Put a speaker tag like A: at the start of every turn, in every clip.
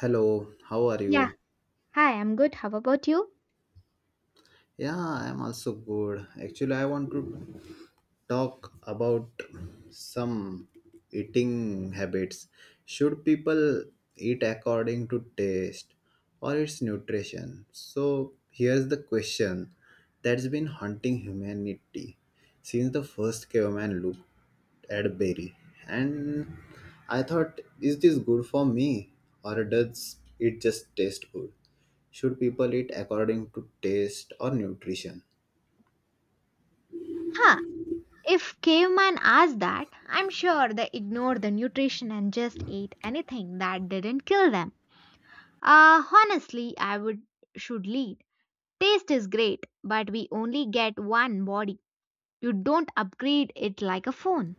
A: Hello, how are
B: Yeah,
A: you?
B: hi, I'm good. How about you?
A: Yeah, I'm also good. Actually, I want to talk about some eating habits. Should people eat according to taste or its nutrition? So, here's the question that's been haunting humanity since the first caveman loop. Cadbury, and I thought, is this good for me or does it just taste good? Should people eat according to taste or nutrition?
B: Huh, if caveman asked that, I'm sure they ignored the nutrition and just ate anything that didn't kill them. Honestly, I would should lead. Taste is great, but we only get one body. You don't upgrade it like a phone.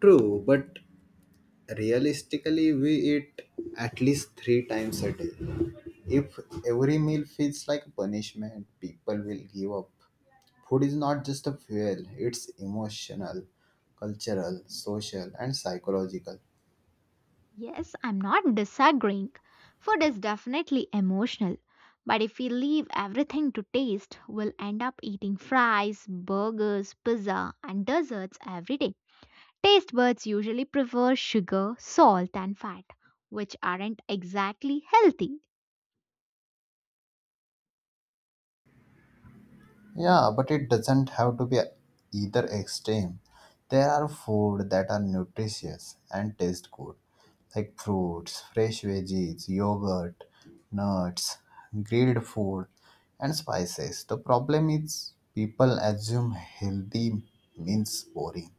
A: True, but realistically, we eat at least three times a day. If every meal feels like a punishment, people will give up. Food is not just a fuel, it's emotional, cultural, social, and psychological.
B: Yes, I'm not disagreeing. Food is definitely emotional. But if we leave everything to taste, we'll end up eating fries, burgers, pizza, and desserts every day. Taste buds usually prefer sugar, salt, and fat, which aren't exactly healthy.
A: Yeah, but it doesn't have to be either extreme. There are food that are nutritious and taste good, like fruits, fresh veggies, yogurt, nuts, grilled food, and spices. The problem is people assume healthy means boring.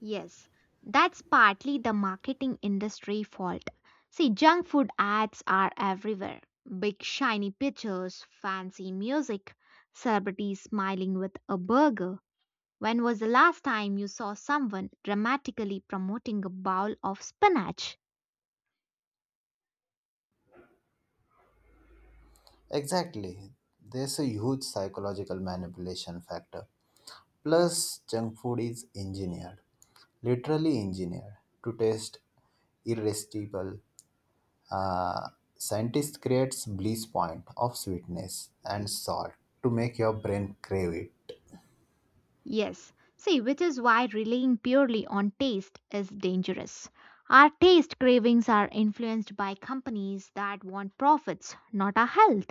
B: Yes, that's partly the marketing industry fault. See, junk food ads are everywhere, big, shiny pictures, fancy music, celebrities smiling with a burger. When was the last time you saw someone dramatically promoting a bowl of spinach?
A: Exactly. There's a huge psychological manipulation factor. Plus, junk food is engineered, literally engineered, to taste irresistible. Uh, Scientists creates bliss point of sweetness and salt to make your brain crave it.
B: Yes. See, which is why relying purely on taste is dangerous. Our taste cravings are influenced by companies that want profits, not our health.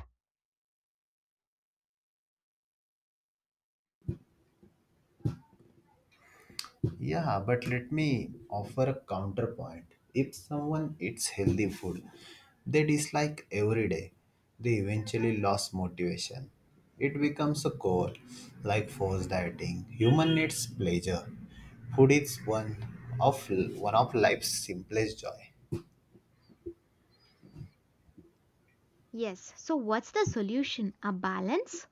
A: Yeah, but let me offer a counterpoint. If someone eats healthy food they dislike every day, they eventually lose motivation. It becomes a core, like forced dieting. Human needs pleasure. Food is of one of life's simplest joy.
B: Yes. So, what's the solution? A balance?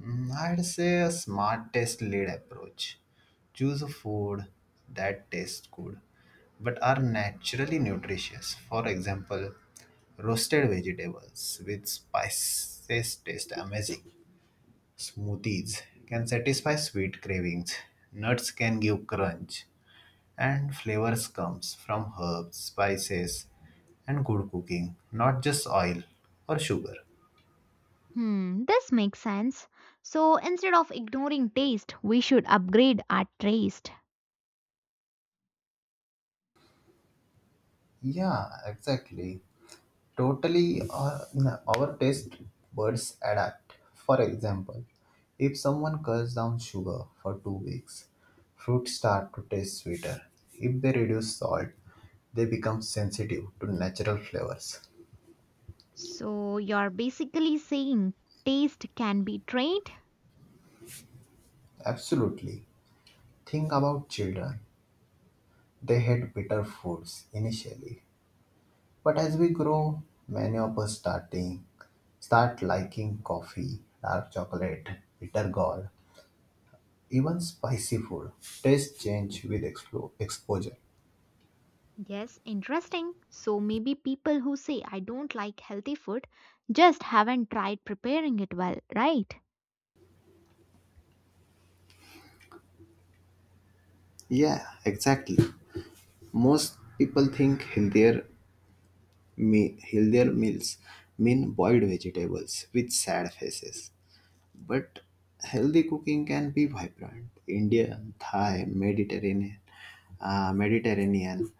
A: I'd say a smart test lead approach. Choose a food that tastes good but are naturally nutritious. For example, roasted vegetables with spices taste amazing. Smoothies can satisfy sweet cravings. Nuts can give crunch and flavors comes from herbs, spices and good cooking, not just oil or sugar.
B: Hmm, this makes sense. So, instead of ignoring taste, we should upgrade our taste.
A: Yeah, exactly. Totally, our taste buds adapt. For example, if someone cuts down sugar for 2 weeks, fruits start to taste sweeter. If they reduce salt, they become sensitive to natural flavors.
B: So, you're basically saying taste can be trained.
A: Absolutely. Think about children. They hate bitter foods initially, but as we grow, many of us start liking coffee, dark chocolate, bitter gall. Even spicy food taste change with exposure.
B: Yes, interesting. So maybe people who say I don't like healthy food just haven't tried preparing it well, right?
A: Yeah, exactly. Most people think healthier, healthier meals mean boiled vegetables with sad faces. But healthy cooking can be vibrant. Indian, Thai, Mediterranean, uh, Mediterranean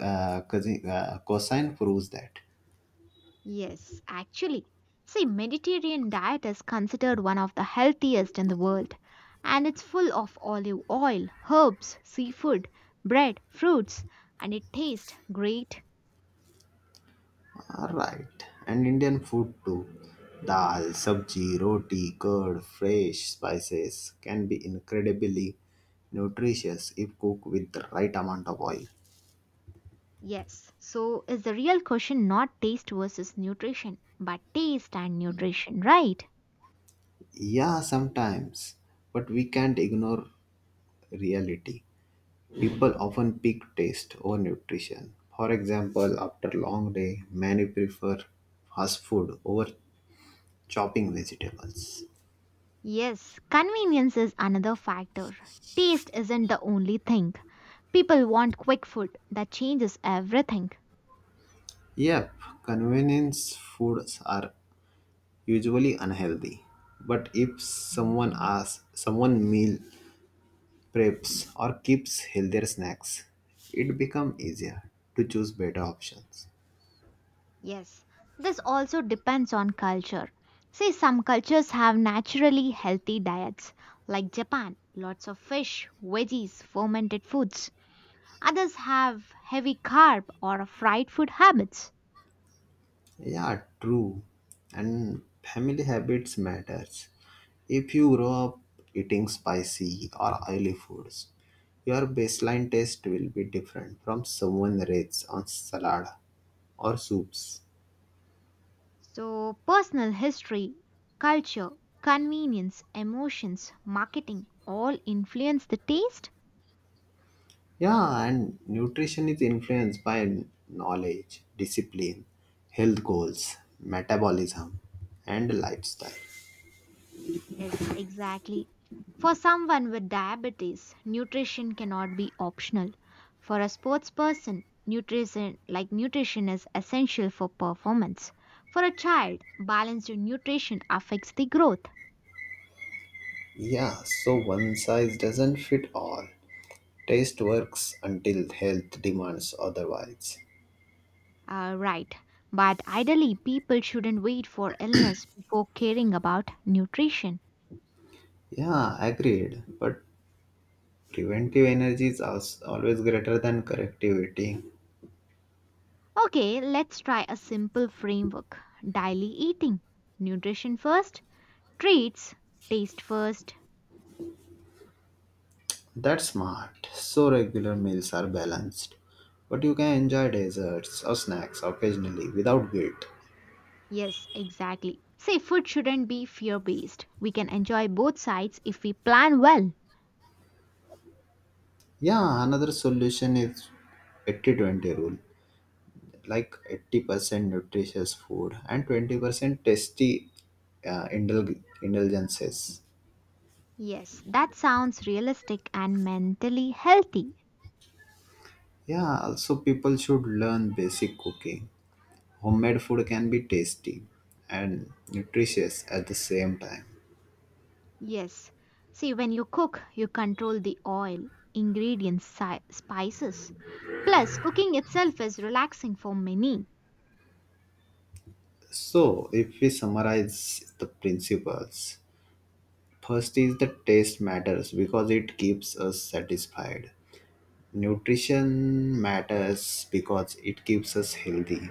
A: uh, cuisine uh, cuisine proves that.
B: Yes. Actually, see, Mediterranean diet is considered one of the healthiest in the world, and it's full of olive oil, herbs, seafood, bread, fruits, and it tastes great.
A: Alright, and Indian food too. Dal, sabji, roti, curd, fresh spices can be incredibly nutritious if cooked with the right amount of oil.
B: Yes. So, is the real question not taste versus nutrition, but taste and nutrition, right?
A: Yeah, sometimes, but we can't ignore reality. People often pick taste over nutrition. For example, after a long day, many prefer fast food over chopping vegetables.
B: Yes, convenience is another factor. Taste isn't the only thing. People want quick food that changes everything.
A: Yep, convenience foods are usually unhealthy. But if someone asks, someone meal preps or keeps healthier snacks, it becomes easier to choose better options.
B: Yes, this also depends on culture. See, some cultures have naturally healthy diets, like Japan, lots of fish, veggies, fermented foods. Others have heavy carb or fried food habits.
A: Yeah, true. And family habits matters. If you grow up eating spicy or oily foods, your baseline taste will be different from someone raised on salad or soups.
B: So, personal history, culture, convenience, emotions, marketing all influence the taste.
A: Yeah, and nutrition is influenced by knowledge, discipline, health goals, metabolism, and lifestyle.
B: Yes, exactly. For someone with diabetes, nutrition cannot be optional. For a sports person, nutrition is essential for performance. For a child, balanced nutrition affects the growth.
A: Yeah, so one size doesn't fit all. Taste works until health demands otherwise.
B: Right. But ideally, people shouldn't wait for illness before caring about nutrition.
A: Yeah, agreed. But preventive energy is always greater than corrective eating.
B: Okay, let's try a simple framework. Daily eating. Nutrition first. Treats, taste first.
A: That's smart. So regular meals are balanced. But you can enjoy desserts or snacks occasionally without guilt.
B: Yes, exactly. Say food shouldn't be fear based. We can enjoy both sides if we plan well.
A: Yeah, another solution is 80-20 rule. Like 80% nutritious food and 20% tasty indulgences.
B: Yes, that sounds realistic and mentally healthy.
A: Yeah, also people should learn basic cooking. Homemade food can be tasty and nutritious at the same time.
B: Yes. See, when you cook, you control the oil, ingredients, spices. Plus, cooking itself is relaxing for many.
A: So, if we summarize the principles, first is the taste matters because it keeps us satisfied. Nutrition matters because it keeps us healthy.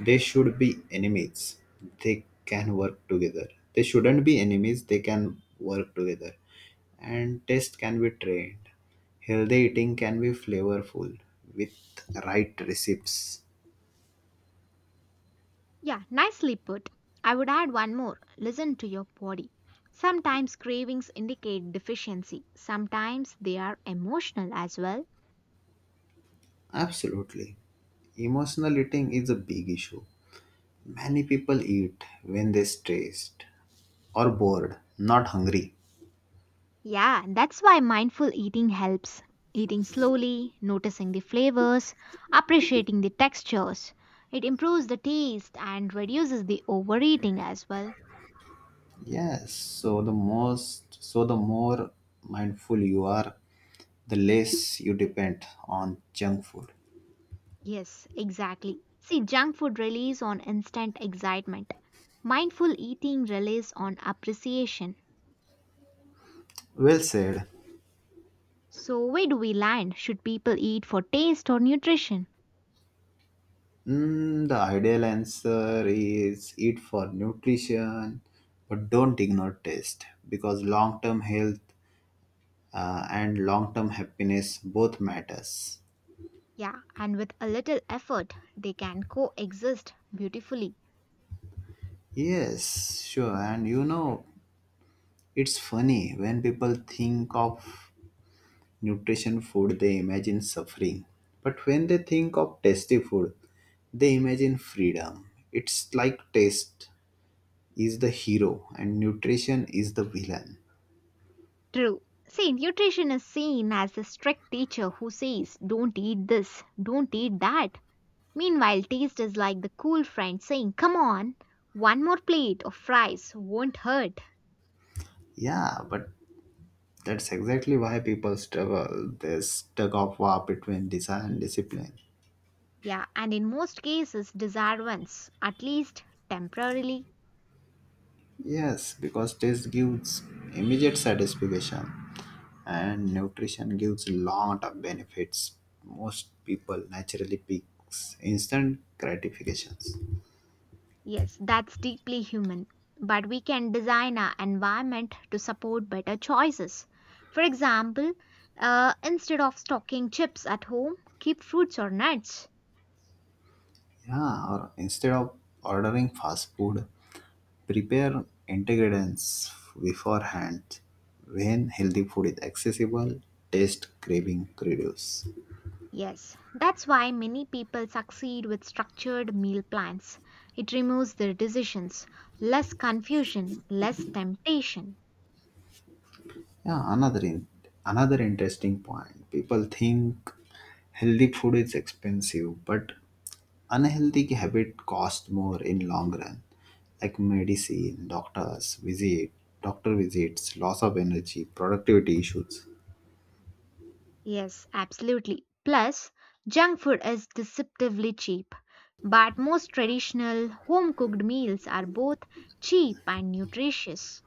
A: They should be enemies. They can work together. They shouldn't be enemies. They can work together. And taste can be trained. Healthy eating can be flavorful with right recipes.
B: Yeah, nicely put. I would add one more, listen to your body. Sometimes cravings indicate deficiency, sometimes they are emotional as well.
A: Absolutely. Emotional eating is a big issue. Many people eat when they're stressed or bored, not hungry.
B: Yeah, that's why mindful eating helps. Eating slowly, noticing the flavors, appreciating the textures. It improves the taste and reduces the overeating as well.
A: Yes, so the most so the more mindful you are, the less you depend on junk food.
B: Yes, exactly. See, junk food relies on instant excitement. Mindful eating relies on appreciation.
A: Well said.
B: So, where do we land? Should people eat for taste or nutrition?
A: The ideal answer is eat for nutrition, but don't ignore taste because long-term health and long-term happiness both matters.
B: Yeah, and with a little effort, they can coexist beautifully.
A: Yes, sure. And you know, it's funny when people think of nutrition food they imagine suffering, but when they think of tasty food they imagine freedom. It's like taste is the hero and nutrition is the villain.
B: True. See, nutrition is seen as a strict teacher who says, don't eat this, don't eat that. Meanwhile, taste is like the cool friend saying, come on, one more plate of fries won't hurt.
A: Yeah, but that's exactly why people struggle. There's tug of war between desire and discipline.
B: Yeah, and in most cases, desire wins, at least temporarily.
A: Yes, because taste gives immediate satisfaction and nutrition gives a lot of benefits. Most people naturally picks instant gratifications.
B: Yes, that's deeply human. But we can design our environment to support better choices. For example, instead of stocking chips at home, keep fruits or nuts.
A: Yeah, or instead of ordering fast food, prepare ingredients beforehand. When healthy food is accessible, taste craving reduce.
B: Yes, that's why many people succeed with structured meal plans. It removes their decisions, less confusion, less temptation.
A: Yeah, another interesting point. People think healthy food is expensive, but unhealthy habit cost more in long run, like medicine, doctor visits, loss of energy, productivity issues.
B: Yes, absolutely. Plus, junk food is deceptively cheap. But most traditional home cooked meals are both cheap and nutritious.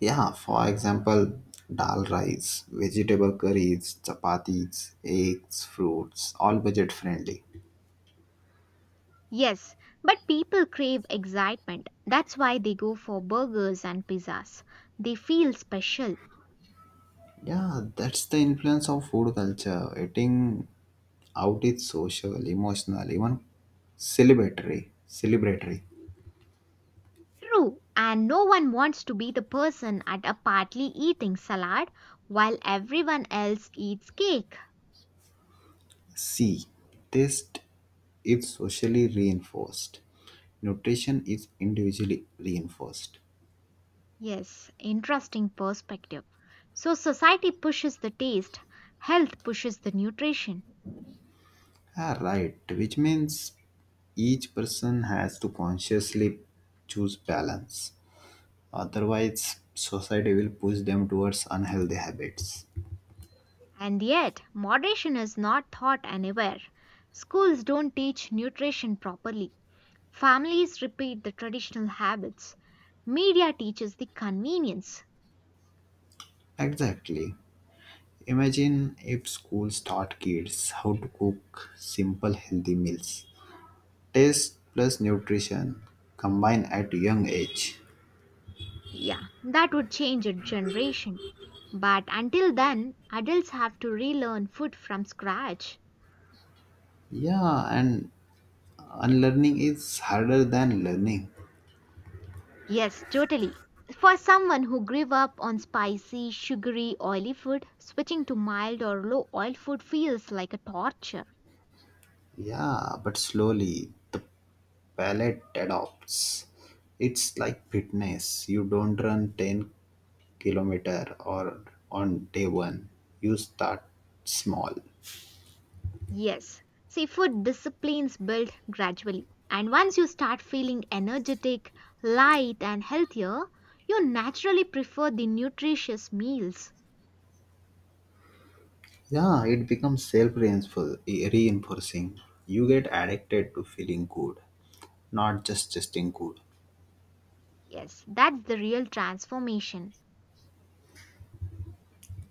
A: Yeah, for example, dal rice, vegetable curries, chapatis, eggs, fruits, all budget friendly.
B: Yes, but people crave excitement. That's why they go for burgers and pizzas. They feel special.
A: Yeah, that's the influence of food culture. Eating out is social, emotional, even celebratory. Celebratory.
B: True, and no one wants to be the person at a party eating salad while everyone else eats cake.
A: C. Taste is socially reinforced. Nutrition is individually reinforced.
B: Yes, interesting perspective. So, society pushes the taste, health pushes the nutrition.
A: Ah, right, which means each person has to consciously choose balance. Otherwise, society will push them towards unhealthy habits.
B: And yet, moderation is not taught anywhere. Schools don't teach nutrition properly. Families repeat the traditional habits. Media teaches the convenience.
A: Exactly. Imagine if schools taught kids how to cook simple healthy meals. Taste plus nutrition combined at young age.
B: Yeah, that would change a generation. But until then, adults have to relearn food from scratch.
A: Yeah, and unlearning is harder than learning.
B: Yes, totally. For someone who grew up on spicy, sugary, oily food, switching to mild or low oil food feels like a torture.
A: Yeah, but slowly the palate adopts. It's like fitness. You don't run 10 kilometer or on day one. You start small.
B: Yes. See, food disciplines build gradually. And once you start feeling energetic, light, and healthier, you naturally prefer the nutritious meals.
A: Yeah, it becomes self-reinforcing. You get addicted to feeling good, not just tasting good.
B: Yes, that's the real transformation.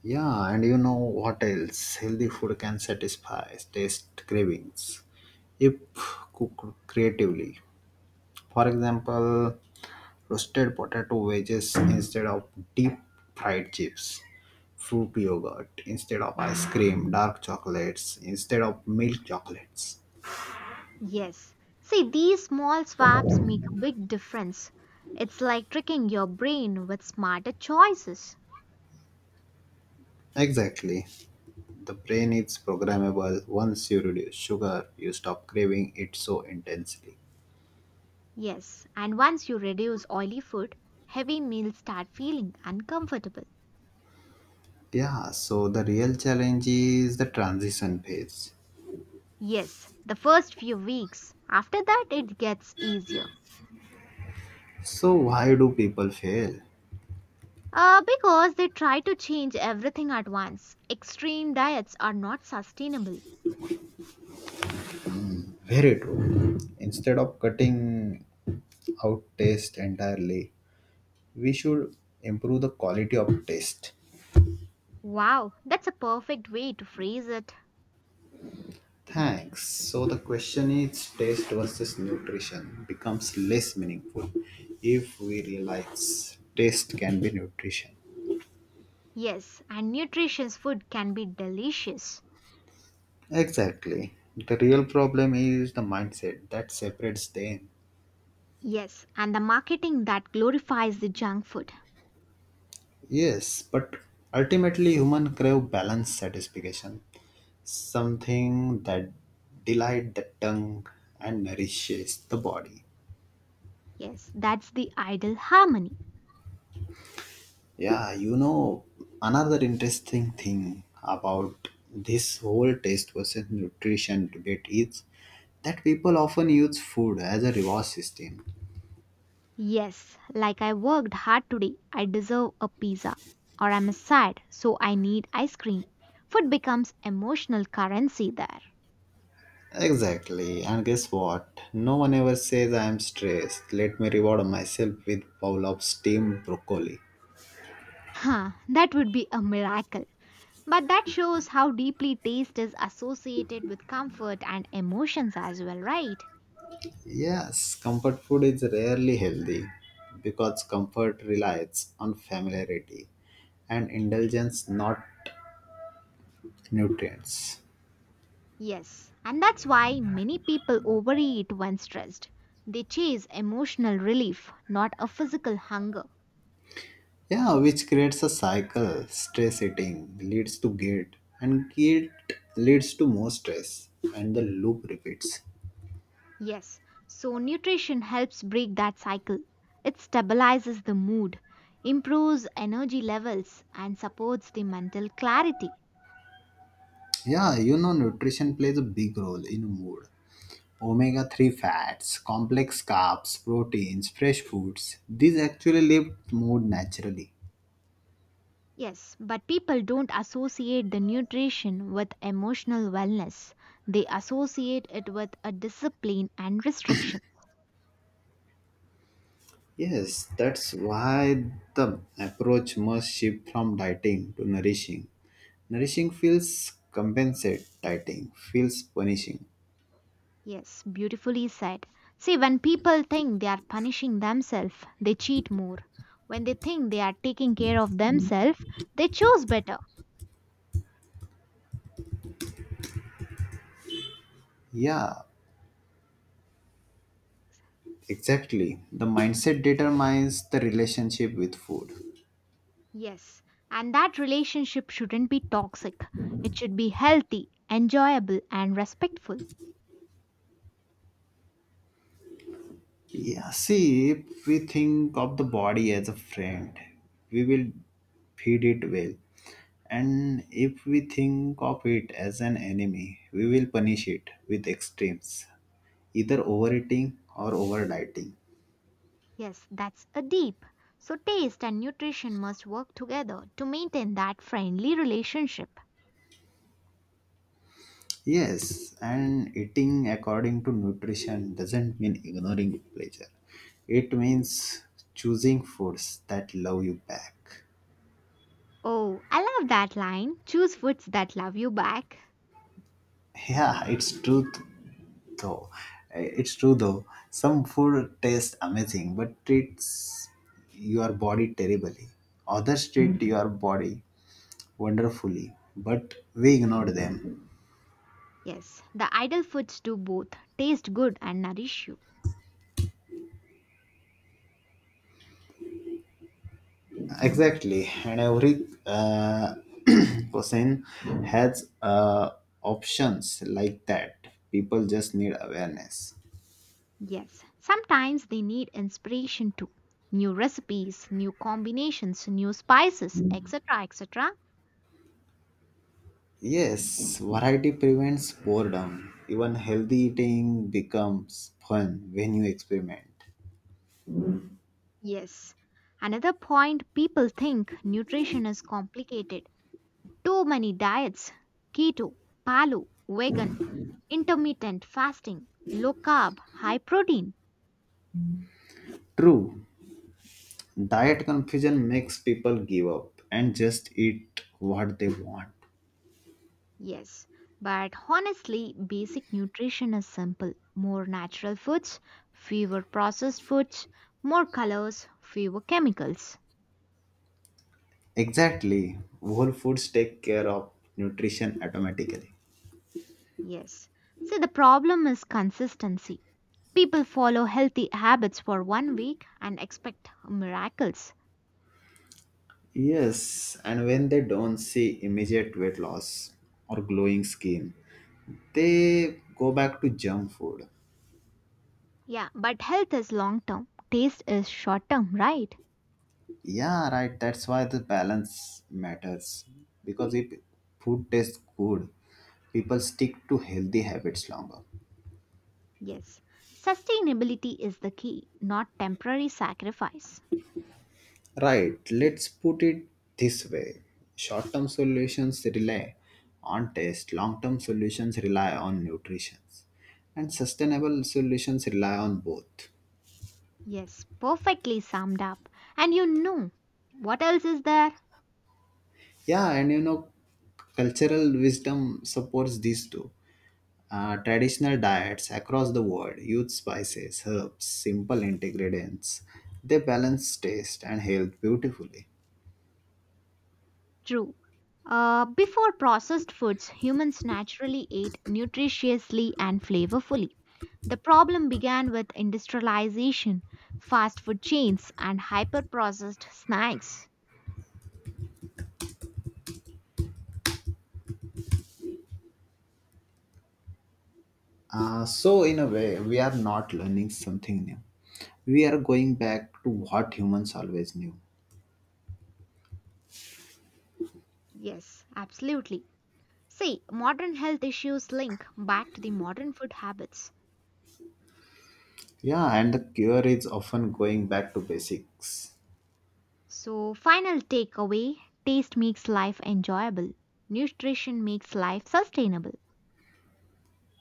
A: Yeah, and you know what else? Healthy food can satisfy taste cravings if cooked creatively. For example, roasted potato wedges instead of deep fried chips, fruit yogurt instead of ice cream, dark chocolates instead of milk chocolates.
B: Yes. See, these small swaps make a big difference. It's like tricking your brain with smarter choices.
A: Exactly. The brain is programmable. Once you reduce sugar, you stop craving it so intensely.
B: Yes, and once you reduce oily food, heavy meals start feeling uncomfortable.
A: Yeah, so the real challenge is the transition phase.
B: Yes, the first few weeks. After that, it gets easier.
A: So, why do people fail?
B: Because they try to change everything at once. Extreme diets are not sustainable.
A: Very true. Instead of cutting out taste entirely, we should improve the quality of taste.
B: Wow, that's a perfect way to phrase it.
A: Thanks. So the question is taste versus nutrition becomes less meaningful if we realize taste can be nutrition.
B: Yes, and nutritious food can be delicious.
A: Exactly, the real problem is the mindset that separates them.
B: Yes, and the marketing that glorifies the junk food.
A: Yes, but ultimately human crave balance satisfaction, something that delight the tongue and nourishes the body.
B: Yes, that's the ideal harmony.
A: Yeah, you know, another interesting thing about this whole taste versus nutrition debate is that people often use food as a reward system.
B: Yes, like I worked hard today, I deserve a pizza. Or I'm sad, so I need ice cream. Food becomes emotional currency there.
A: Exactly, and guess what? No one ever says I am stressed. Let me reward myself with bowl of steamed broccoli.
B: Huh, that would be a miracle. But that shows how deeply taste is associated with comfort and emotions as well, right?
A: Yes, comfort food is rarely healthy because comfort relies on familiarity and indulgence, not nutrients.
B: Yes, and that's why many people overeat when stressed. They chase emotional relief, not a physical hunger.
A: Yeah, which creates a cycle. Stress eating leads to guilt, and guilt leads to more stress, and the loop repeats.
B: Yes, so nutrition helps break that cycle. It stabilizes the mood, improves energy levels, and supports the mental clarity.
A: Yeah, you know, nutrition plays a big role in mood. Omega 3 fats, complex carbs, proteins, fresh foods, these actually lift mood naturally.
B: Yes, but people don't associate the nutrition with emotional wellness. They associate it with a discipline and restriction.
A: Yes, that's why the approach must shift from dieting to nourishing. Nourishing feels compensate, dieting feels punishing.
B: Yes, beautifully said. See, when people think they are punishing themselves, they cheat more. When they think they are taking care of themselves, they choose better.
A: Yeah, exactly. The mindset determines the relationship with food.
B: Yes, and that relationship shouldn't be toxic. It should be healthy, enjoyable, and respectful.
A: Yeah, see, if we think of the body as a friend, we will feed it well. And if we think of it as an enemy, we will punish it with extremes, either overeating or overdieting.
B: Yes, that's a deep. So, taste and nutrition must work together to maintain that friendly relationship.
A: Yes, and eating according to nutrition doesn't mean ignoring pleasure. It means choosing foods that love you back.
B: Oh, I love that line, choose foods that love you back.
A: Yeah, it's true though. Eh, It's true though. Some food tastes amazing, but treats your body terribly. Others treat your body wonderfully, but we ignore them.
B: Yes, the idle foods do both, taste good and nourish you.
A: Exactly, and every person has options like that. People just need awareness.
B: Yes, sometimes they need inspiration too. New recipes, new combinations, new spices, etc. etc.
A: Yes, variety prevents boredom. Even healthy eating becomes fun when you experiment.
B: Yes. Another point, people think nutrition is complicated. Too many diets, keto, paleo, vegan, intermittent fasting, low carb, high protein.
A: True, diet confusion makes people give up and just eat what they want.
B: Yes, but honestly, basic nutrition is simple. More natural foods, fewer processed foods, more colors, fewer chemicals.
A: Exactly, whole foods take care of nutrition automatically.
B: Yes. See, the problem is consistency. People follow healthy habits for one week and expect miracles.
A: Yes, and when they don't see immediate weight loss or glowing skin, they go back to junk food.
B: Yeah, but health is long term, taste is short term, right?
A: Yeah, right. That's why the balance matters. Because if food tastes good, people stick to healthy habits longer.
B: Yes. Sustainability is the key, not temporary sacrifice.
A: Right. Let's put it this way, short term solutions rely on taste, long term solutions rely on nutrition, and sustainable solutions rely on both.
B: Yes, perfectly summed up. And you know what else is there?
A: Yeah, and you know, cultural wisdom supports these two. Traditional diets across the world use spices, herbs, simple ingredients. They balance taste and health beautifully.
B: True. Before processed foods, humans naturally ate nutritiously and flavorfully. The problem began with industrialization, fast food chains, and hyper processed snacks.
A: So, in a way, we are not learning something new. We are going back to what humans always knew.
B: Yes, absolutely. See, modern health issues link back to the modern food habits.
A: Yeah, and the cure is often going back to basics.
B: So, final takeaway, taste makes life enjoyable, nutrition makes life sustainable.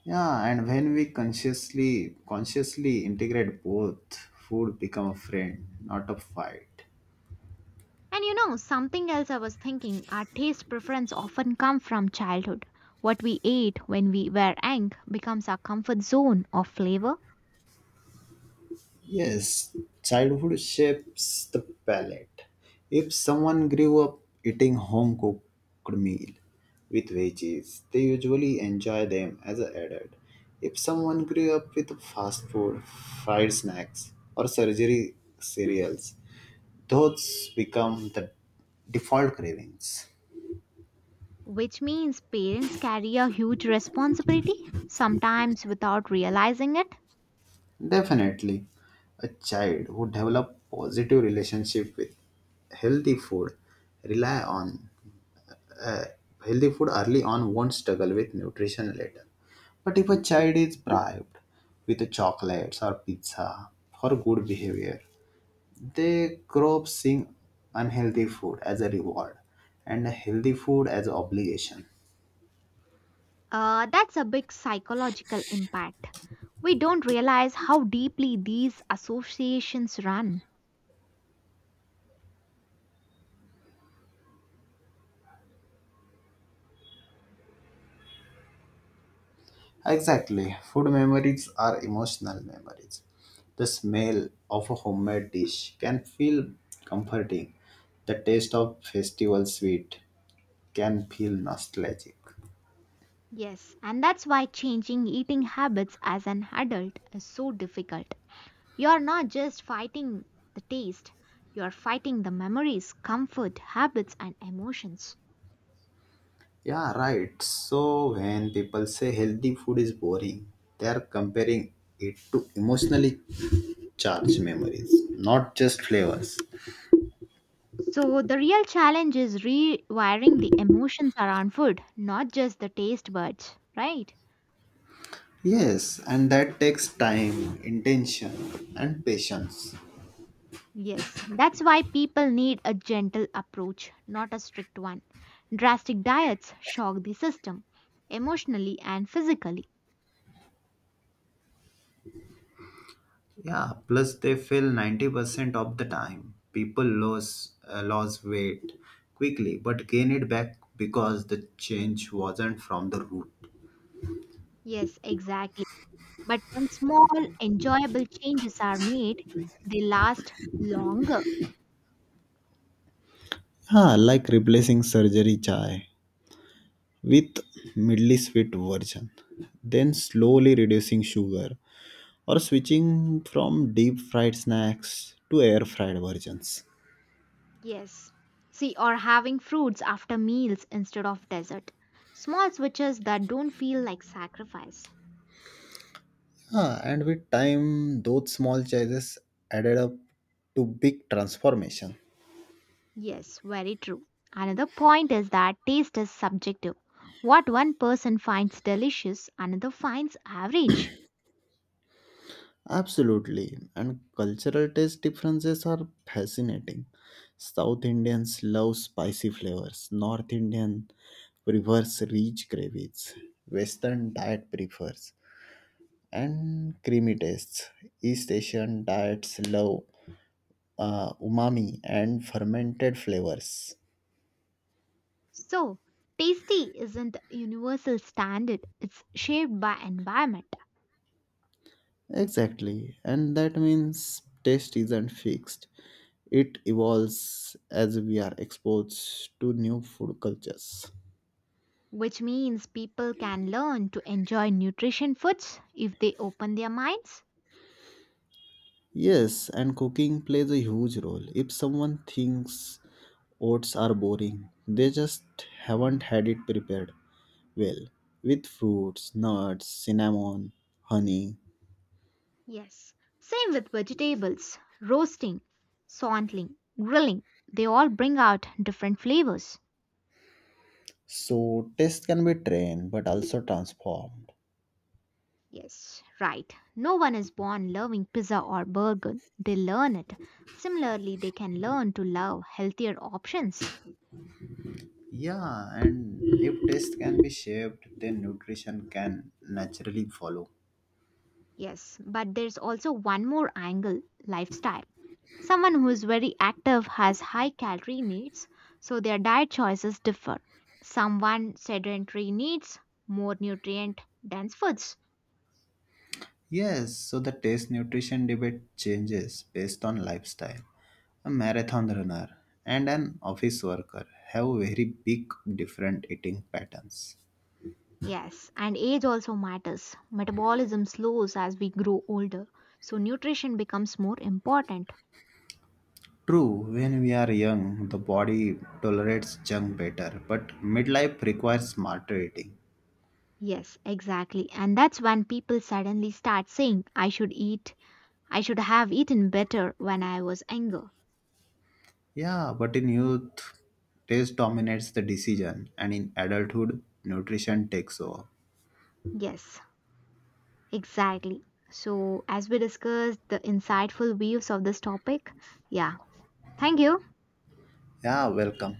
A: Yeah, and when we consciously integrate both, food become a friend, not a fight.
B: And you know, something else I was thinking, our taste preference often come from childhood. What we ate when we were young becomes our comfort zone of flavor,
A: Yes, childhood shapes the palate. If someone grew up eating home cooked meal with veggies, they usually enjoy them as an adult. If someone grew up with fast food, fried snacks, or surgery cereals, those become the default cravings.
B: which means parents carry a huge responsibility, sometimes without realizing it.
A: Definitely, a child who develop positive relationship with healthy food rely on uh, healthy food early on won't struggle with nutrition later. But if a child is bribed with chocolates or pizza for good behavior, they grow up seeing unhealthy food as a reward and healthy food as an obligation.
B: That's a big psychological impact. We don't realize how deeply these associations run.
A: Exactly, food memories are emotional memories. The smell of a homemade dish can feel comforting. The taste of festival sweet can feel nostalgic.
B: Yes, and that's why changing eating habits as an adult is so difficult. You're not just fighting the taste, you're fighting the memories, comfort, habits, and emotions.
A: Yeah, right. So when people say healthy food is boring, they are comparing it to emotionally charged memories, not just flavors.
B: So, the real challenge is rewiring the emotions around food, not just the taste buds, right?
A: Yes, and that takes time, intention, and patience.
B: Yes, that's why people need a gentle approach, not a strict one. Drastic diets shock the system, emotionally and physically.
A: Yeah, plus they fail 90% of the time. People lose weight quickly but gain it back because the change wasn't from the root.
B: Yes, exactly. But when small, enjoyable changes are made, they last longer.
A: Yeah, like replacing surgery chai with mildly sweet version, then slowly reducing sugar or switching from deep fried snacks to air fried versions.
B: Yes. See, or having fruits after meals instead of dessert. Small switches that don't feel like sacrifice.
A: Ah, and with time, those small choices added up to big transformation.
B: Yes, very true. Another point is that taste is subjective. What one person finds delicious, another finds average.
A: Absolutely, and cultural taste differences are fascinating. South Indians love spicy flavors, North Indian prefers rich gravies, Western diet prefers and creamy tastes. East Asian diets love umami and fermented flavors.
B: So, tasty isn't a universal standard, it's shaped by environment,
A: Exactly, and that means taste isn't fixed. It evolves as we are exposed to new food cultures.
B: which means people can learn to enjoy nutrition foods if they open their minds.
A: Yes, and cooking plays a huge role. If someone thinks oats are boring, they just haven't had it prepared well with fruits, nuts, cinnamon, honey.
B: Yes. Same with vegetables, roasting, sauteing, grilling. They all bring out different flavors.
A: So taste can be trained but also transformed.
B: Yes, right. No one is born loving pizza or burger. They learn it. Similarly, they can learn to love healthier options.
A: Yeah, and if taste can be shaped, then nutrition can naturally follow.
B: Yes, but there's also one more angle, lifestyle. Someone who is very active has high calorie needs, so their diet choices differ. Someone sedentary needs more nutrient dense foods.
A: Yes, so the taste nutrition debate changes based on lifestyle. A marathon runner and an office worker have very big different eating patterns.
B: Yes, and age also matters. Metabolism slows as we grow older, so nutrition becomes more important.
A: True, when we are young, the body tolerates junk better, but midlife requires smarter eating.
B: Yes, exactly. And that's when people suddenly start saying, I should have eaten better when I was younger.
A: Yeah, but in youth, taste dominates the decision, and in adulthood, nutrition takes over.
B: Yes, exactly. So, as we discussed the insightful views of this topic, yeah. Thank you.
A: Yeah, welcome.